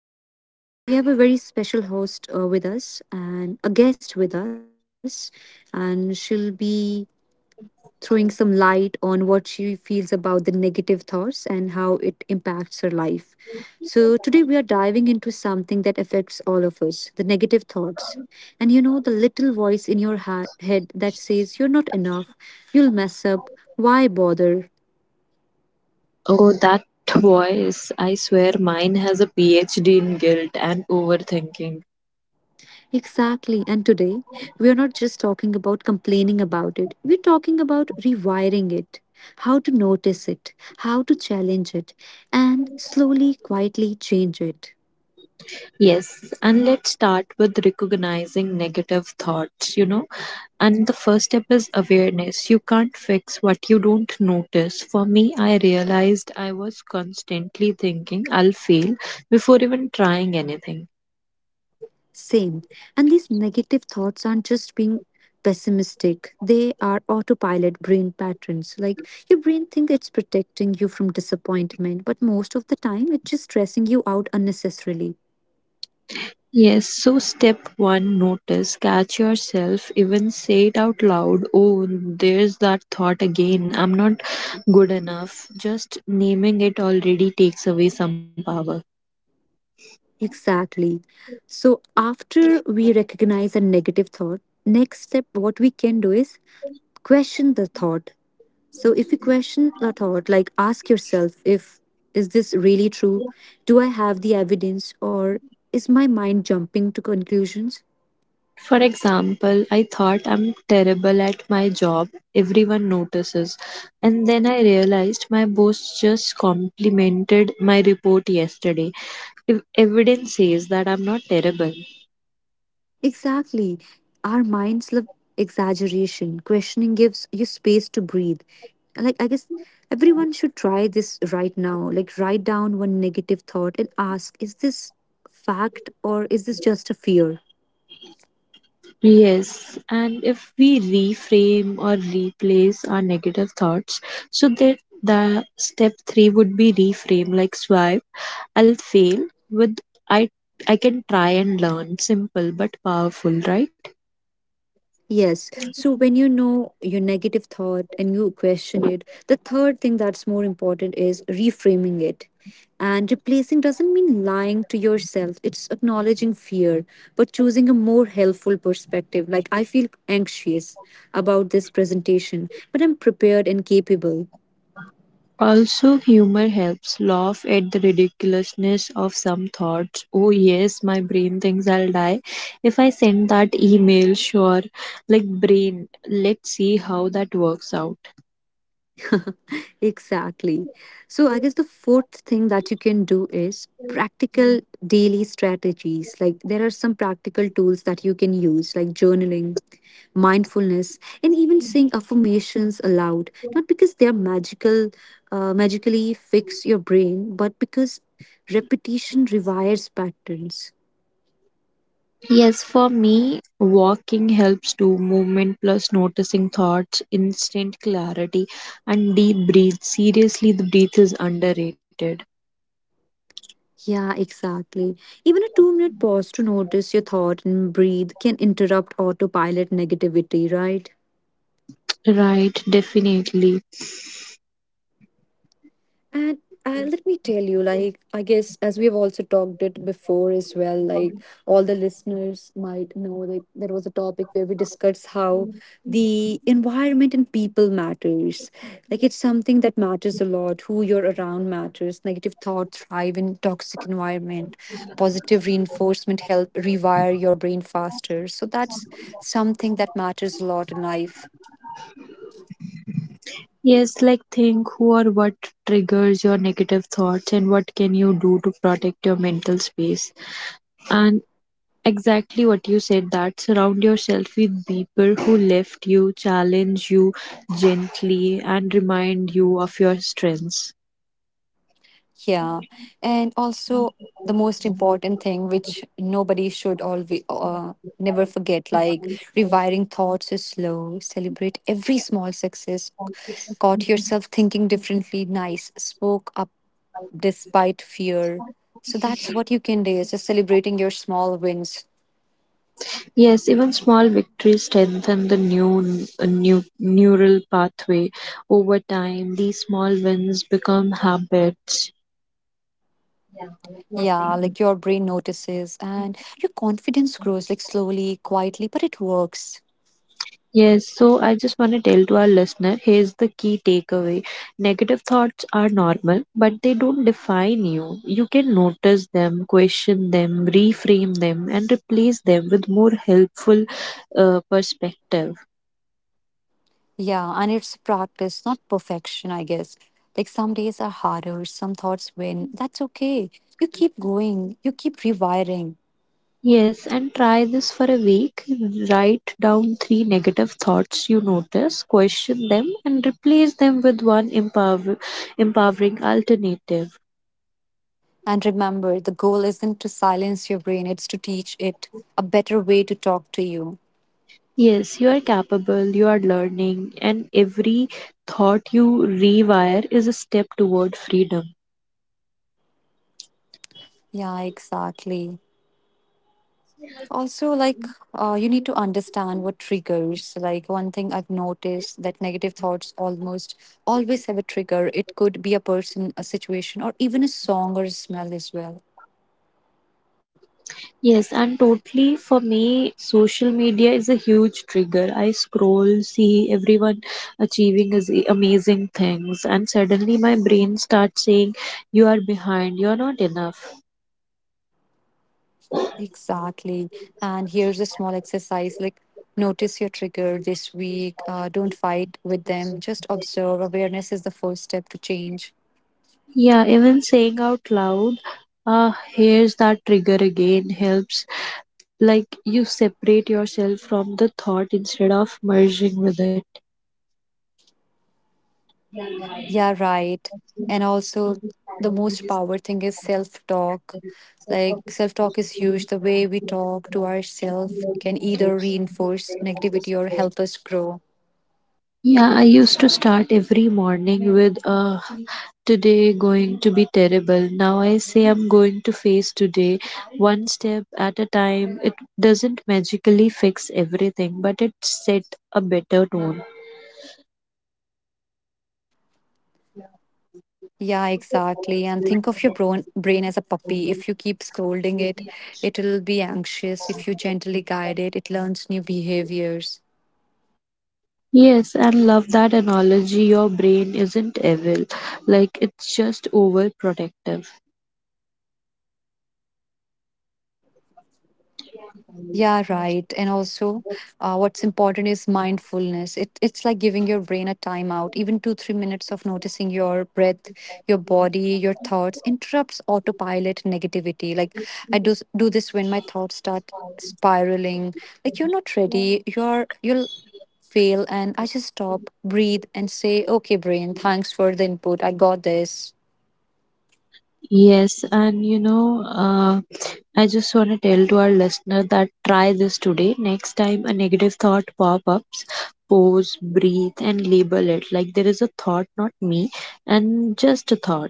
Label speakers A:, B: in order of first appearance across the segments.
A: thoughts. So, we have a very special host with us and a guest with us, and she'll be throwing some light on what she feels about the negative thoughts and how it impacts her life. So, today we are diving into something that affects all of us the negative thoughts. And you know, the little voice in your head that says, you're not enough, you'll mess up, why bother?
B: Oh, that voice. I swear mine has a PhD in guilt and overthinking.
A: Exactly. And today, we are not just talking about complaining about it, we're talking about rewiring it, how to notice it, how to challenge it, and slowly, quietly change it.
B: Yes, and let's start with recognizing negative thoughts. And the first step is awareness. You can't fix what you don't notice. For me, I realized I was constantly thinking I'll fail before even trying anything.
A: Same. And these negative thoughts aren't just being pessimistic, they are autopilot brain patterns. Like, your brain thinks it's protecting you from disappointment, but most of the time it's just stressing you out unnecessarily.
B: Yes, so step one notice, catch yourself, even say it out loud. Oh, there's that thought again. I'm not good enough. Just naming it already takes away some power.
A: Exactly. So after we recognize a negative thought, next step what we can do is question the thought. So if you question the thought, like ask yourself, if is this really true? Do I have the evidence, or is my mind jumping to conclusions?
B: For example, I thought I'm terrible at my job. Everyone notices. And then I realized my boss just complimented my report yesterday. Evidence says that I'm not terrible.
A: Exactly. Our minds love exaggeration. Questioning gives you space to breathe. Like, I guess everyone should try this right now. Like, write down one negative thought and ask, is this fact or is this just a fear?
B: Yes, and if we reframe or replace our negative thoughts, so that the step three would be reframe, like swipe, I'll fail with I I can try and learn. Simple but powerful, right?
A: Yes. So when you know your negative thought and you question it, the third thing that's more important is reframing it. And replacing doesn't mean lying to yourself, it's acknowledging fear, but choosing a more helpful perspective. Like, I feel anxious about this presentation, but I'm prepared and capable.
B: Also, humor helps. Laugh at the ridiculousness of some thoughts. Oh, yes, my brain thinks I'll die. If I send that email, sure. Like, brain, let's see how that works out.
A: Exactly. So, I guess the fourth thing that you can do is practical daily strategies. Like, there are some practical tools that you can use, like journaling, mindfulness, and even saying affirmations aloud. Not because they are magical, magically fix your brain, but because repetition rewires patterns.
B: Yes, for me, walking helps to movement plus noticing thoughts, instant clarity, and deep breathe. Seriously, the breath is underrated.
A: Yeah, exactly. Even a 2 minute pause to notice your thought and breathe can interrupt autopilot negativity, right?
B: Right, definitely.
A: And let me tell you, like, I guess as we've also talked it before as well, like, all the listeners might know that there was a topic where we discussed how the environment and people matters. Like, it's something that matters a lot. Who you're around matters. Negative thoughts thrive in toxic environment. Positive reinforcement help rewire your brain faster. So that's something that matters a lot in life.
B: Yes, like think who or what triggers your negative thoughts and what can you do to protect your mental space. And exactly what you said that surround yourself with people who lift you, challenge you gently, and remind you of your strengths.
A: Yeah, and also the most important thing which nobody should always never forget, like, rewiring thoughts is slow. Celebrate every small success. Caught yourself thinking differently. Nice. Spoke up despite fear. So that's what you can do. Is just celebrating your small wins.
B: Yes, even small victories strengthen the new neural pathway. Over time, these small wins become habits.
A: Yeah, like your brain notices and your confidence grows like slowly, quietly, but it works.
B: Yes, so I just want to tell to our listener here's the key takeaway. Negative thoughts are normal, but they don't define you. You can notice them, question them, reframe them, and replace them with more helpful perspective.
A: Yeah, and it's practice, not perfection, I guess. Like some days are harder, some thoughts win. That's okay. You keep going, you keep rewiring.
B: Yes, and try this for a week. Write down three negative thoughts you notice, question them, and replace them with one empowering alternative.
A: And remember, the goal isn't to silence your brain, it's to teach it a better way to talk to you.
B: Yes, you are capable, you are learning, and every thought you rewire is a step toward freedom.
A: Yeah, exactly. Also, like, you need to understand what triggers. Like, one thing I've noticed that negative thoughts almost always have a trigger. It could be a person, a situation, or even a song or a smell as well.
B: Yes, and totally for me, social media is a huge trigger. I scroll, see everyone achieving is amazing things, and suddenly my brain starts saying, You are behind, you're not enough.
A: Exactly. And here's a small exercise, like, notice your trigger this week. Don't fight with them. Just observe. Awareness is the first step to change.
B: Yeah, even saying out loud, here's that trigger again helps. Like you separate yourself from the thought instead of merging with it.
A: Yeah, right. And also, the most power thing is self talk. Like, self talk is huge. The way we talk to ourselves can either reinforce negativity or help us grow.
B: Yeah, I used to start every morning with today going to be terrible. Now I say I'm going to face today one step at a time. It doesn't magically fix everything, but it set a better tone.
A: Yeah, exactly. And think of your brain as a puppy. If you keep scolding it, it'll be anxious. If you gently guide it, it learns new behaviors.
B: Yes, and love that analogy. Your brain isn't evil, like it's just overprotective.
A: Yeah, right. And also, what's important is mindfulness. It's like giving your brain a timeout. Even two, 3 minutes of noticing your breath, your body, your thoughts interrupts autopilot negativity. Like, I do this when my thoughts start spiraling. Like, you're not ready. You'll fail, and I just stop, breathe, and say, okay, brain, thanks for the input. I got this.
B: Yes, and I just want to tell to our listener that try this today. Next time a negative thought pop ups, pause, breathe, and label it like there is a thought, not me, and just a thought.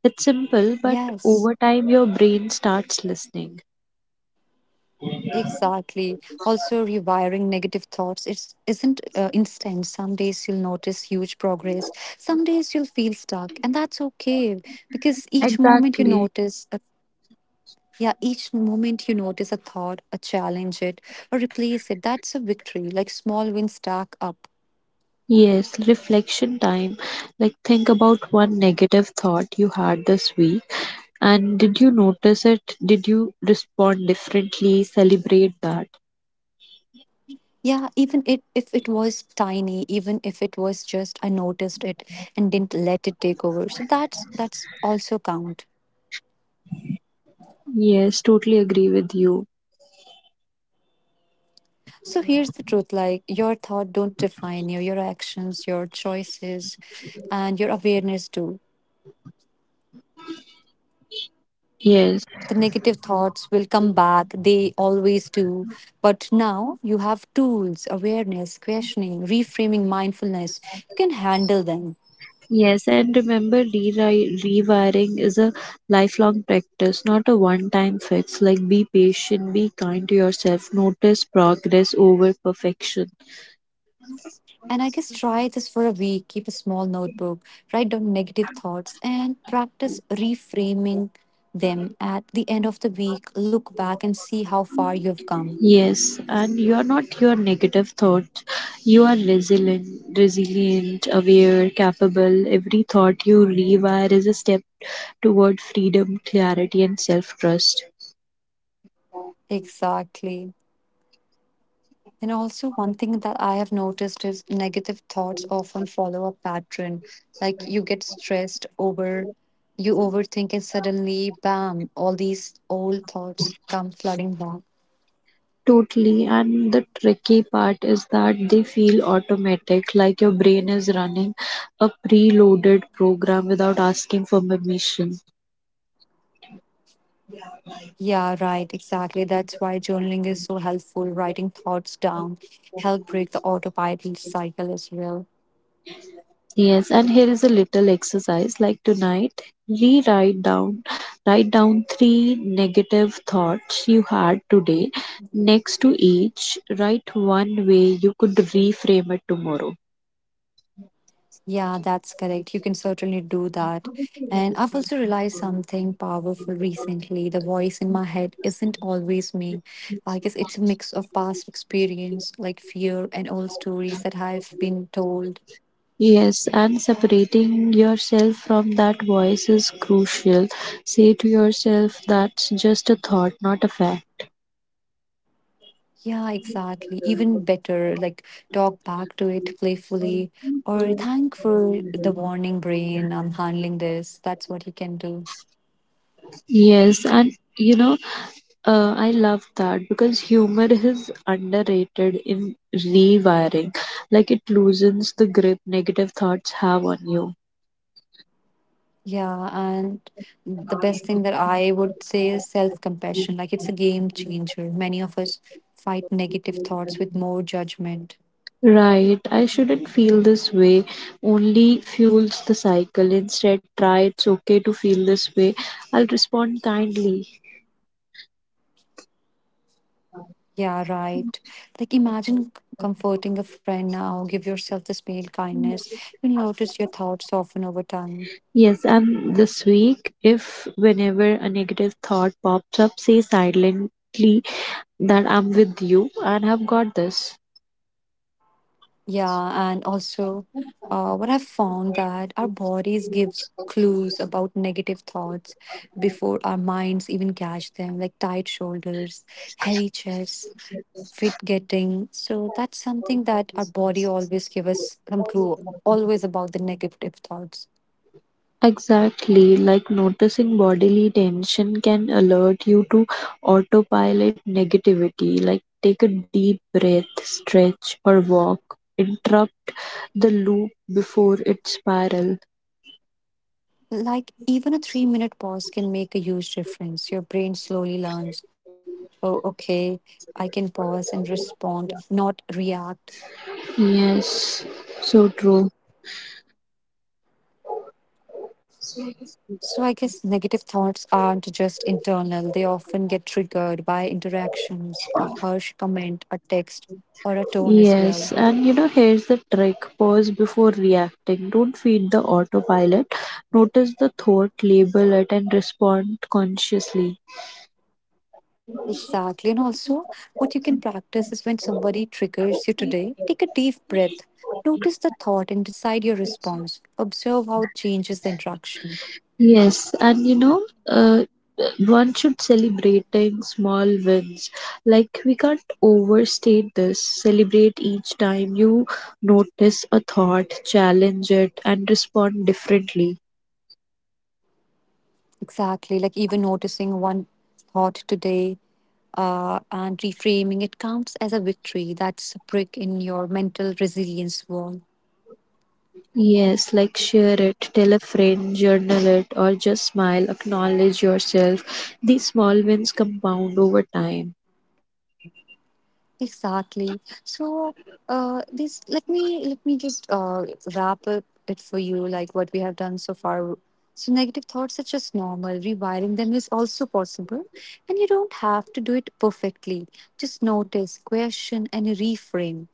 B: It's simple, but
A: Yes,
B: over time your brain starts listening.
A: exactly. Also, rewiring negative thoughts it isn't instant. Some days you'll notice huge progress, some days you'll feel stuck, and that's okay because each moment you
B: Exactly.
A: notice a yeah, each moment you notice a thought, a challenge it, or replace it, that's a victory. Like, small wins stack up.
B: Yes, reflection time. Like, think about one negative thought you had this week. And did you notice it? Did you respond differently? Celebrate that.
A: Yeah, even it if it was tiny, even if it was just I noticed it and didn't let it take over. So that's also count.
B: Yes, totally agree with you.
A: So here's the truth, like, your thought don't define you, your actions, your choices and your awareness do.
B: Yes,
A: The negative thoughts will come back, they always do. But now you have tools, awareness, questioning, reframing mindfulness. You can handle them.
B: yes. And remember, rewiring is a lifelong practice, not a one time fix. Like, be patient, be kind to yourself, notice progress over perfection.
A: And I guess try this for a week. Keep a small notebook, write down negative thoughts, and practice reframing them at the end of the week. Look back and see how far you've come.
B: Yes, and you are not your negative thought. You are resilient, resilient, aware, capable. Every thought you rewire is a step toward freedom, clarity, and self trust.
A: Exactly. And also, one thing that I have noticed is negative thoughts often follow a pattern. Like, you get stressed over, you overthink, and suddenly, bam, all these old thoughts come flooding back.
B: Totally. And the tricky part is that they feel automatic, like your brain is running a preloaded program without asking for permission.
A: Yeah, right, exactly. That's why journaling is so helpful. Writing thoughts down help break the autopilot cycle as well.
B: Yes, and here is a little exercise like tonight rewrite down write down 3 negative thoughts you had today next to each write one way you could reframe it tomorrow.
A: Yeah, that's correct. You can certainly do that. And I've also realized something powerful recently. The voice in my head isn't always me. I guess it's a mix of past experience, like fear and old stories that I've been told.
B: Yes, and separating yourself from that voice is crucial. Say to yourself, that's just a thought, not a fact.
A: Yeah, exactly. Even better, like, talk back to it playfully or thank for the warning brain. I'm handling this. That's what you can do.
B: Yes, and you know, I love that because humor is underrated in rewiring. Like it loosens the grip negative thoughts have on you.
A: Yeah, and the best thing that I would say is self compassion. Like, it's a game changer. Many of us fight negative thoughts with more judgment.
B: Right, I shouldn't feel this way only fuels the cycle. Instead, try it's okay to feel this way. I'll respond kindly.
A: Yeah, right. Like, imagine comforting a friend now, give yourself the space kindness. You'll notice your thoughts soften over time.
B: Yes, and this week, if whenever a negative thought pops up, say silently that I'm with you and have got this.
A: Yeah, and also what I've found that our bodies gives clues about negative thoughts before our minds even catch them, like tight shoulders, heavy chest, fit getting. So that's something that our body always give us some clue always about the negative thoughts.
B: Exactly, like noticing bodily tension can alert you to autopilot negativity. Like, take a deep breath, stretch, or walk. Interrupt the loop before it spiral.
A: Like, even a 3 minute pause can make a huge difference. Your brain slowly learns, oh, okay, I can pause and respond, not react.
B: Yes, so true.
A: So I guess negative thoughts aren't just internal, they often get triggered by interactions, a harsh comment, a text, or a tone as
B: Yes,
A: well.
B: and here's the trick pause before reacting. Don't feed the autopilot. Notice the thought, label it, and respond consciously.
A: Exactly. And also, what you can practice is when somebody triggers you today, take a deep breath, notice the thought, and decide your response. Observe how it changes the interaction.
B: Yes, and one should celebrating small wins. Like we can't overstate this. Celebrate each time you notice a thought, challenge it, and respond differently.
A: Exactly. Like, even noticing one thought today and reframing it counts as a victory. That's a brick in your mental resilience wall.
B: Yes, like share it, tell a friend, journal it, or just smile, acknowledge yourself. These small wins compound over time.
A: Exactly. So, this let me just wrap up it for you, like what we have done so far. So, negative thoughts are just normal. Rewiring them is also possible, and you don't have to do it perfectly. Just notice, question, and reframe.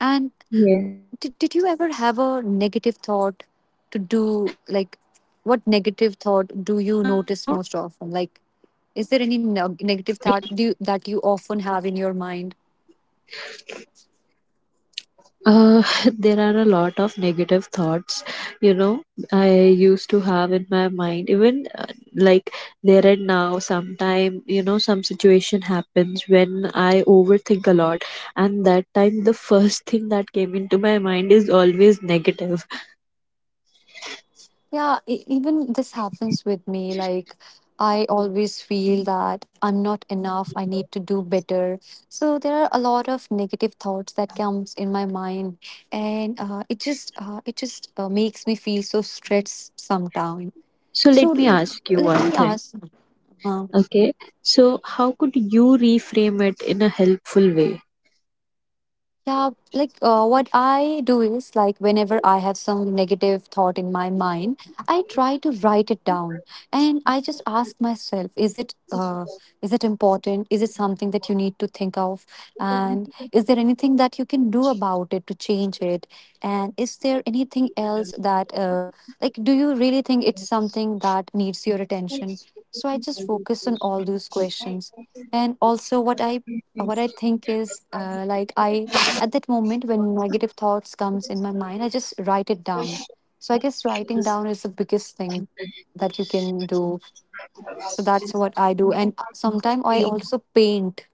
A: And
B: Yes,
A: did you
B: you
A: ever
B: know.
A: have a negative thought to do? Like,
B: I'm
A: what
B: sorry.
A: negative thought do you notice most often? Like, is there any negative thought do you, that you often have in your mind?
B: Uh, there are a lot of negative thoughts, you know, I used to have in my mind. Even like there and now, sometime, some situation happens when I overthink a lot. And that time, the first thing that came into my mind is always negative.
A: Yeah, even this happens with me. Like, I always feel that I'm not enough. I need to do better. So there are a lot of negative thoughts that comes in my mind, and it just makes me feel so stressed sometime.
B: So
A: So
B: let me ask you
A: let
B: one
A: me
B: thing.
A: ask. uh,
B: Okay. So, how could you reframe it in a helpful way?
A: Yeah, like what I do is like whenever I have some negative thought in my mind, I try to write it down, and I just ask myself, is it important? Is it something that you need to think of? And is there anything that you can do about it to change it? And is there anything else that like do you really think it's something that needs your attention? So I just focus on all those questions, and also what I think is like I at that moment when negative thoughts comes in my mind, I just write it down. So I guess writing down is the biggest thing that you can do. So that's what I do, and sometimes I also paint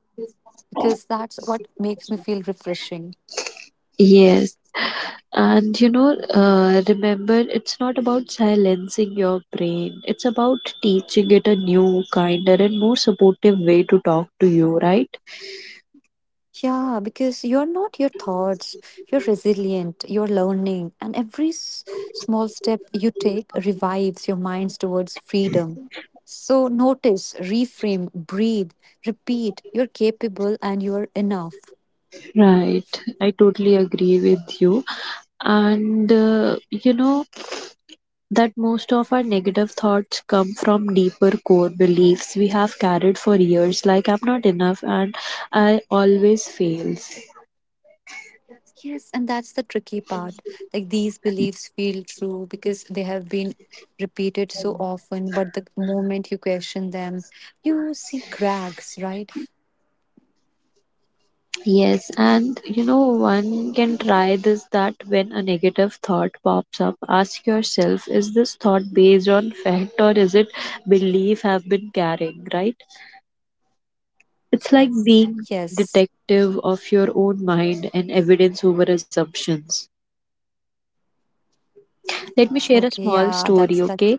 A: because that's what makes me feel refreshing.
B: Yes, and remember, it's not about silencing your brain, it's about teaching it a new, kinder, and more supportive way to talk to you, right?
A: Yeah, because you're not your thoughts, you're resilient, you're learning, and every small step you take revives your minds towards freedom. So notice, reframe, breathe, repeat. You're capable and you're enough.
B: Right. I totally agree with you. And you know that most of our negative thoughts come from deeper core beliefs we have carried for years, like I'm not enough and I always fails.
A: Yes, and that's the tricky part. Like, these beliefs feel true because they have been repeated so often, but the moment you question them, you see cracks, right?
B: Yes, and one can try this that when a negative thought pops up, ask yourself, is this thought based on fact or is it belief I've been carrying, right? It's like being
A: Yes.
B: detective of your own mind and evidence over assumptions. Let me share a
A: Okay,
B: small
A: yeah, that's
B: story,
A: that.
B: okay?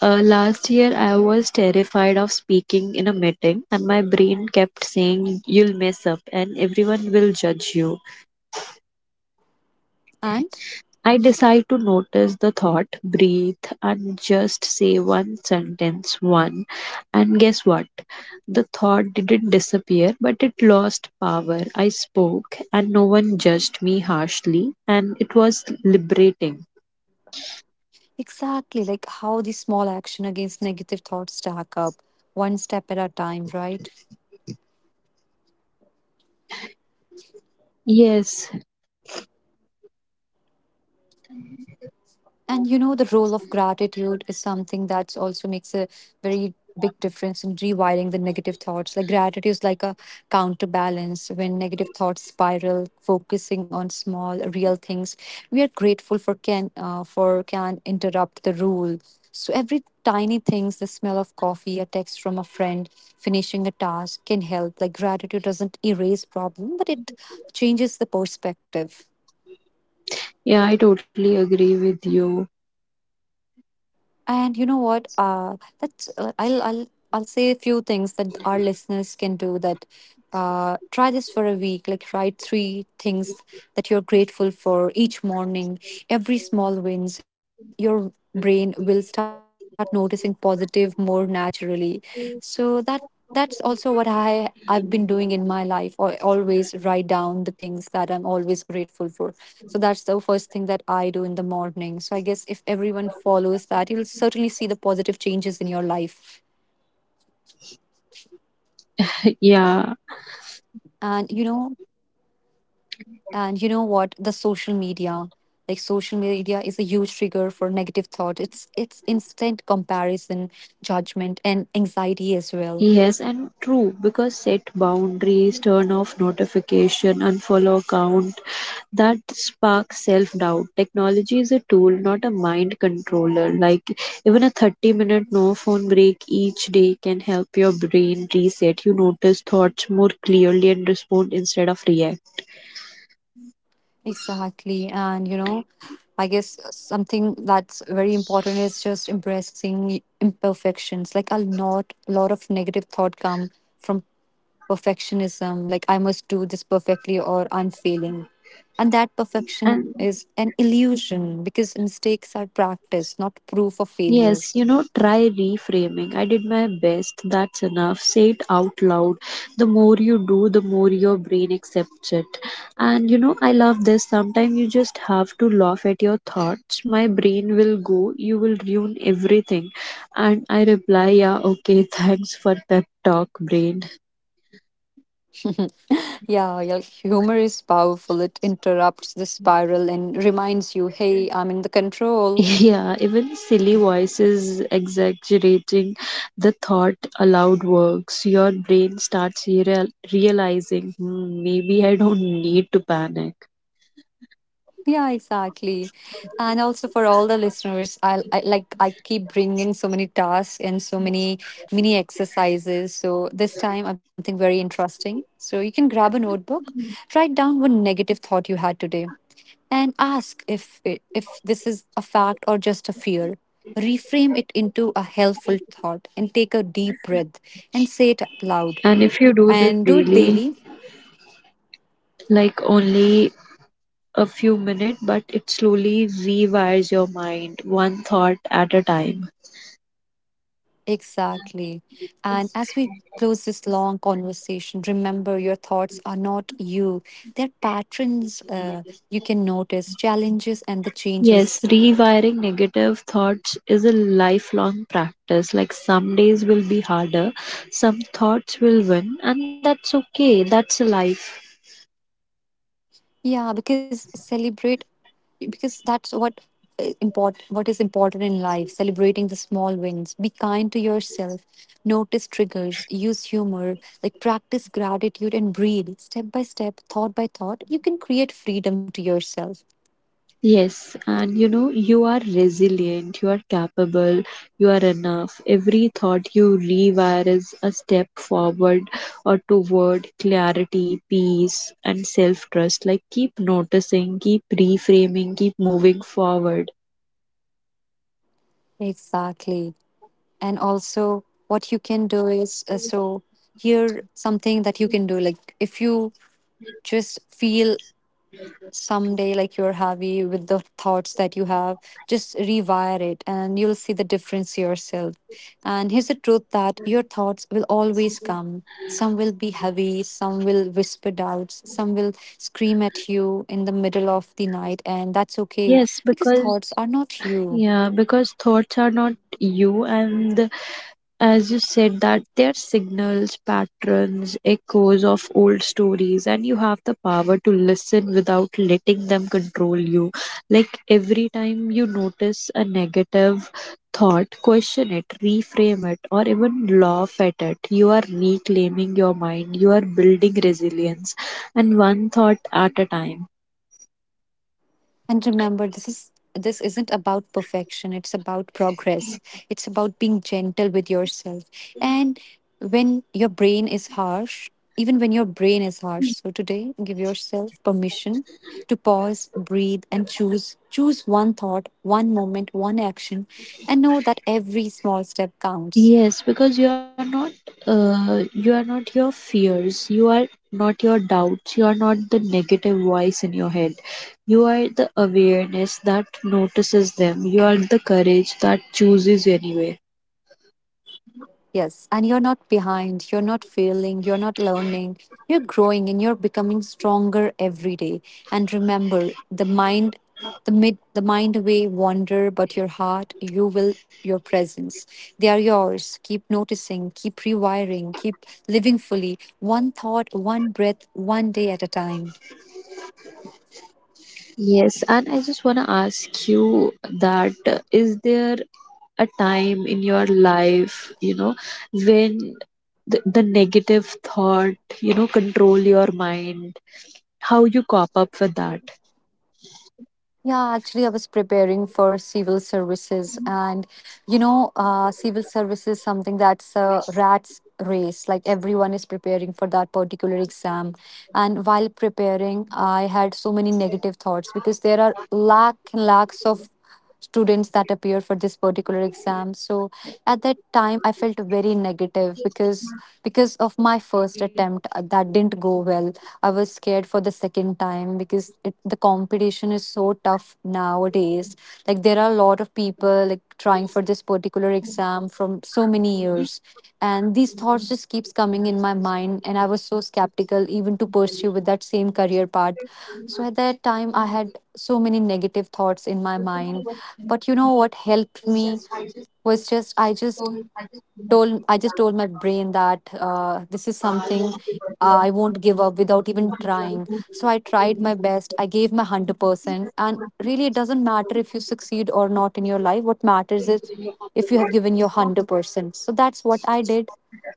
B: Last year, I was terrified of speaking in a meeting, and my brain kept saying, You'll mess up, and everyone will judge you.
A: And
B: I decide to notice the thought, breathe, and just say one sentence, one. And guess what? The thought didn't disappear, but it lost power. I spoke, and no one judged me harshly, and it was liberating.
A: exactly like how the small action against negative thoughts stack up, one step at a time, right?
B: Yes,
A: And you know, the role of gratitude is something that also makes a very big difference in rewiring the negative thoughts. Like, gratitude is like a counterbalance when negative thoughts spiral, focusing on small, real things. We are grateful for can interrupt the rule. So, every tiny things, the smell of coffee, a text from a friend, finishing a task can help. Like, gratitude doesn't erase problem, but it changes the perspective.
B: yeah, I totally agree with you.
A: And you know what? That's I'll say a few things that our listeners can do. That Try this for a week. Like write three things that you're grateful for each morning. Every small wins, your brain will start noticing positive more naturally. So that that's also what I've been doing in my life, or always write down the things that I'm always grateful for. So that's the first thing that I do in the morning. So I guess if everyone follows that, you'll certainly see the positive changes in your life.
B: Yeah.
A: And you know and you know what, the social media, like, social media is a huge trigger for negative thought. It's instant comparison, judgment and anxiety as well.
B: Yes, and true, because set boundaries, turn off notification, unfollow account that sparks self doubt. Technology is a tool, not a mind controller. Like even a 30-minute no phone break each day can help your brain reset. You notice thoughts more clearly and respond instead of react.
A: Exactly. And, you know, I guess something that's very important is just embracing imperfections. Like, a lot of negative thought come from perfectionism. Like, I must do this perfectly or I'm failing. And that perfection
B: And
A: is an illusion because mistakes are practice, not proof of failure.
B: yes, try reframing. I did my best. That's enough. Say it out loud. The more you do, the more your brain accepts it. And you know, I love this. Sometimes you just have to laugh at your thoughts. My brain will go, you will ruin everything. And I reply, yeah, okay, thanks for pep talk, brain.
A: Yeah, yeah, humor is powerful. It interrupts the spiral and reminds you, hey, I'm in the control.
B: Yeah, even silly voices exaggerating the thought aloud works. Your brain starts realizing, hmm, maybe I don't need to panic.
A: Yeah, exactly. And also for all the listeners, I keep bringing so many tasks and so many mini exercises. So this time I've something very interesting. So you can grab a notebook, write down one negative thought you had today, and ask if this is a fact or just a fear. Reframe it into a helpful thought and take a deep breath and say it loud.
B: And if you do this
A: And do it
B: daily,
A: daily.
B: like only a few minutes, but it slowly rewires your mind one thought at a time.
A: Exactly. And as we close this long conversation, remember your thoughts are not you. They're patterns you can notice, challenges, and the
B: Yes,
A: changes.
B: rewiring negative thoughts is a lifelong practice. Like some days will be harder, some thoughts will win, and that's okay. That's life.
A: Yeah, because celebrate, because that's what important, what is important in life: celebrating the small wins, be kind to yourself, notice triggers, use humor, like practice gratitude and breathe. Step by step, thought by thought, you can create freedom to yourself.
B: Yes, and you are resilient, you are capable, you are enough. Every thought you rewire is a step forward or toward clarity, peace, and self trust. Like, keep noticing, keep reframing, keep moving forward.
A: Exactly. And also what you can do is, so here something that you can do, like if you just feel someday like you're heavy with the thoughts that you have, just rewire it and you'll see the difference yourself. And here's the truth, that your thoughts will always come. Some will be heavy, some will whisper doubts, some will scream at you in the middle of the night, and that's okay,
B: Yes,
A: because
B: because
A: thoughts are not you.
B: yeah, because thoughts are not you, and as you said, that they are signals, patterns, echoes of old stories, and you have the power to listen without letting them control you. Like every time you notice a negative thought, question it, reframe it, or even laugh at it. You are reclaiming your mind, you are building resilience, and one thought at a time.
A: And remember, this isn't about perfection. It's about progress. It's about being gentle with yourself. And when your brain is harsh, even when your brain is harsh, so today give yourself permission to pause, breathe, and choose one thought, one moment, one action, and know that every small step counts.
B: Yes, because you are not your fears, you are not your doubts, you are not the negative voice in your head. You are the awareness that notices them. You are the courage that chooses you anyway.
A: Yes, and you're not behind, you're not failing, you're not learning, you're growing and you're becoming stronger every day. And remember, the mind may wander, but your heart, your presence, they are yours. Keep noticing, keep rewiring, keep living fully, one thought, one breath, one day at a time.
B: Yes, and I just want to ask you that is there a time in your life, when the negative thought, control your mind? How you cop up with that?
A: Yeah, actually, I was preparing for civil services, and you know, civil service is something that's a rat's race. Like everyone is preparing for that particular exam, and while preparing, I had so many negative thoughts because there are lack and lacks of students that appear for this particular exam. So at that time I felt very negative, because of my first attempt that didn't go well, I was scared for the second time because the competition is so tough nowadays. Like there are a lot of people like trying for this particular exam from so many years, and these thoughts just keeps coming in my mind, and I was so skeptical even to pursue with that same
B: It's
A: career path. So at that time I had so many negative thoughts in my mind. But you know what helped
B: just
A: me
B: I just so
A: was just I just
B: I just don't like it.
A: told I just told my brain that, this is
B: Ah,
A: something
B: I
A: I won't give up without even trying. So I tried my best. I gave my 100%. And really, it doesn't matter if you succeed or not in your life. What matters is if you have given your 100%. So that's what I did.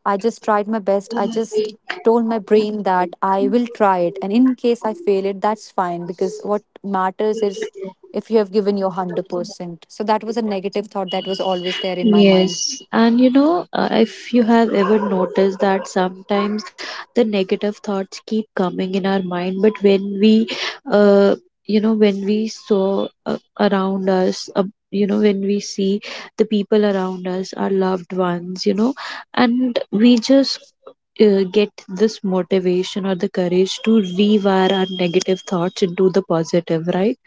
A: I just tried my best. I just told my brain that I will try it. And in case I fail it, that's fine because what matters is if you have given your
B: don't like it.
A: 100%. So that was a negative thought that was always there in my mind.
B: Yes, and if you have ever noticed that sometimes the negative thoughts keep coming in our mind, but uh, when we saw around us, when we see the people around us, our loved ones, and we just get this motivation or the courage to rewire our negative thoughts into the positive, right?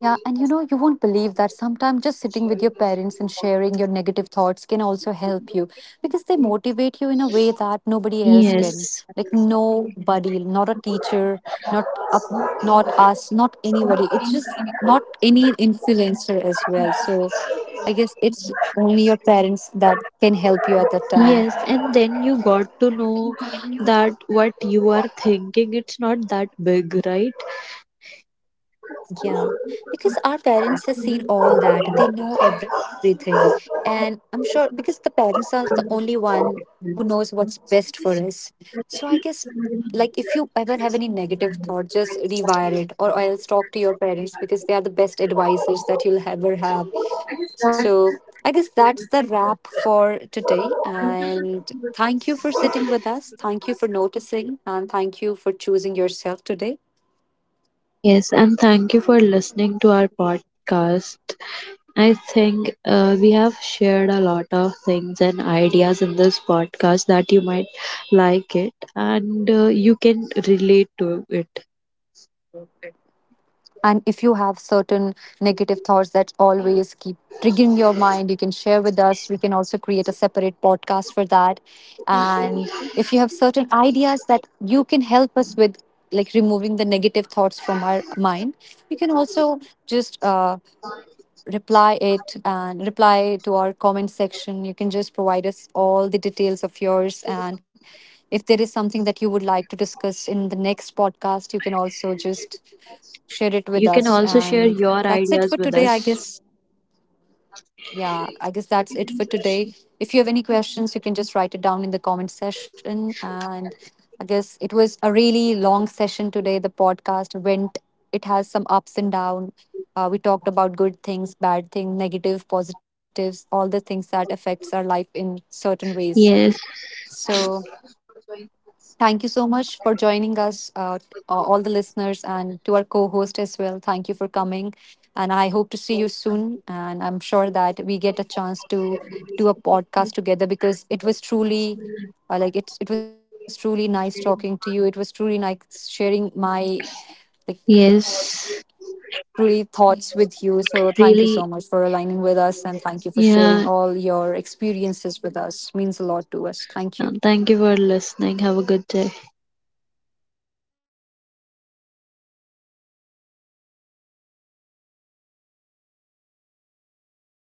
A: Yeah, and you know, you won't believe that sometimes just sitting with your parents and sharing your negative thoughts can also help you, because they motivate you in a way that nobody else can.
B: Yes.
A: Like nobody, not a teacher, not up, not us, not anybody. It's just not any influencer as well. So I guess it's only your parents that can help you at that time.
B: Yes, and then you got to know that what you are thinking, it's not that big, right?
A: Yeah, because our parents have seen all that. They know everything. And I'm sure, because the parents are the only one who knows what's best for us. So I guess, like, if you ever have any negative thought, just rewire it or else talk to your parents, because they are the best advisors that you'll ever have. So I guess that's the wrap for today. And thank you for sitting with us. Thank you for noticing and thank you for choosing yourself today.
B: Yes, and thank you for listening to our podcast. I think we have shared a lot of things and ideas in this podcast that you might like it and you can relate to it.
A: And if you have certain negative thoughts that always keep triggering your mind, you can share with us. We can also create a separate podcast for that. And if you have certain ideas that you can help us with, like removing the negative thoughts from our mind, you can also just reply it and reply to our comment section. You can just provide us all the details of yours. And if there is something that you would like to discuss in the next podcast, you can also just share it
B: You
A: with
B: can
A: us.
B: also share
A: And
B: your
A: that's it
B: ideas
A: for
B: with
A: today, I
B: us.
A: guess. Yeah, I guess that's it for today. If you have any questions, you can just write it down in the comment section. And I guess it was a really long session today. The podcast went, it has some ups and downs. We talked about good things, bad things, negative, positives, all the things that affects our life in certain ways.
B: Yes.
A: So thank you so much for joining us, all the listeners, and to our co host as well. Thank you for coming. And I hope to see you soon. And I'm sure that we get a chance to do a podcast together because it was truly. Like it was truly nice talking to you. It was truly nice sharing my, like it
B: Yes.
A: truly thoughts with you. So thank you so much
B: Really.
A: for aligning with us, and thank you for sharing
B: Yeah.
A: all your experiences with us. Means a lot to us. Thank you.
B: Thank you for listening. Have a good day.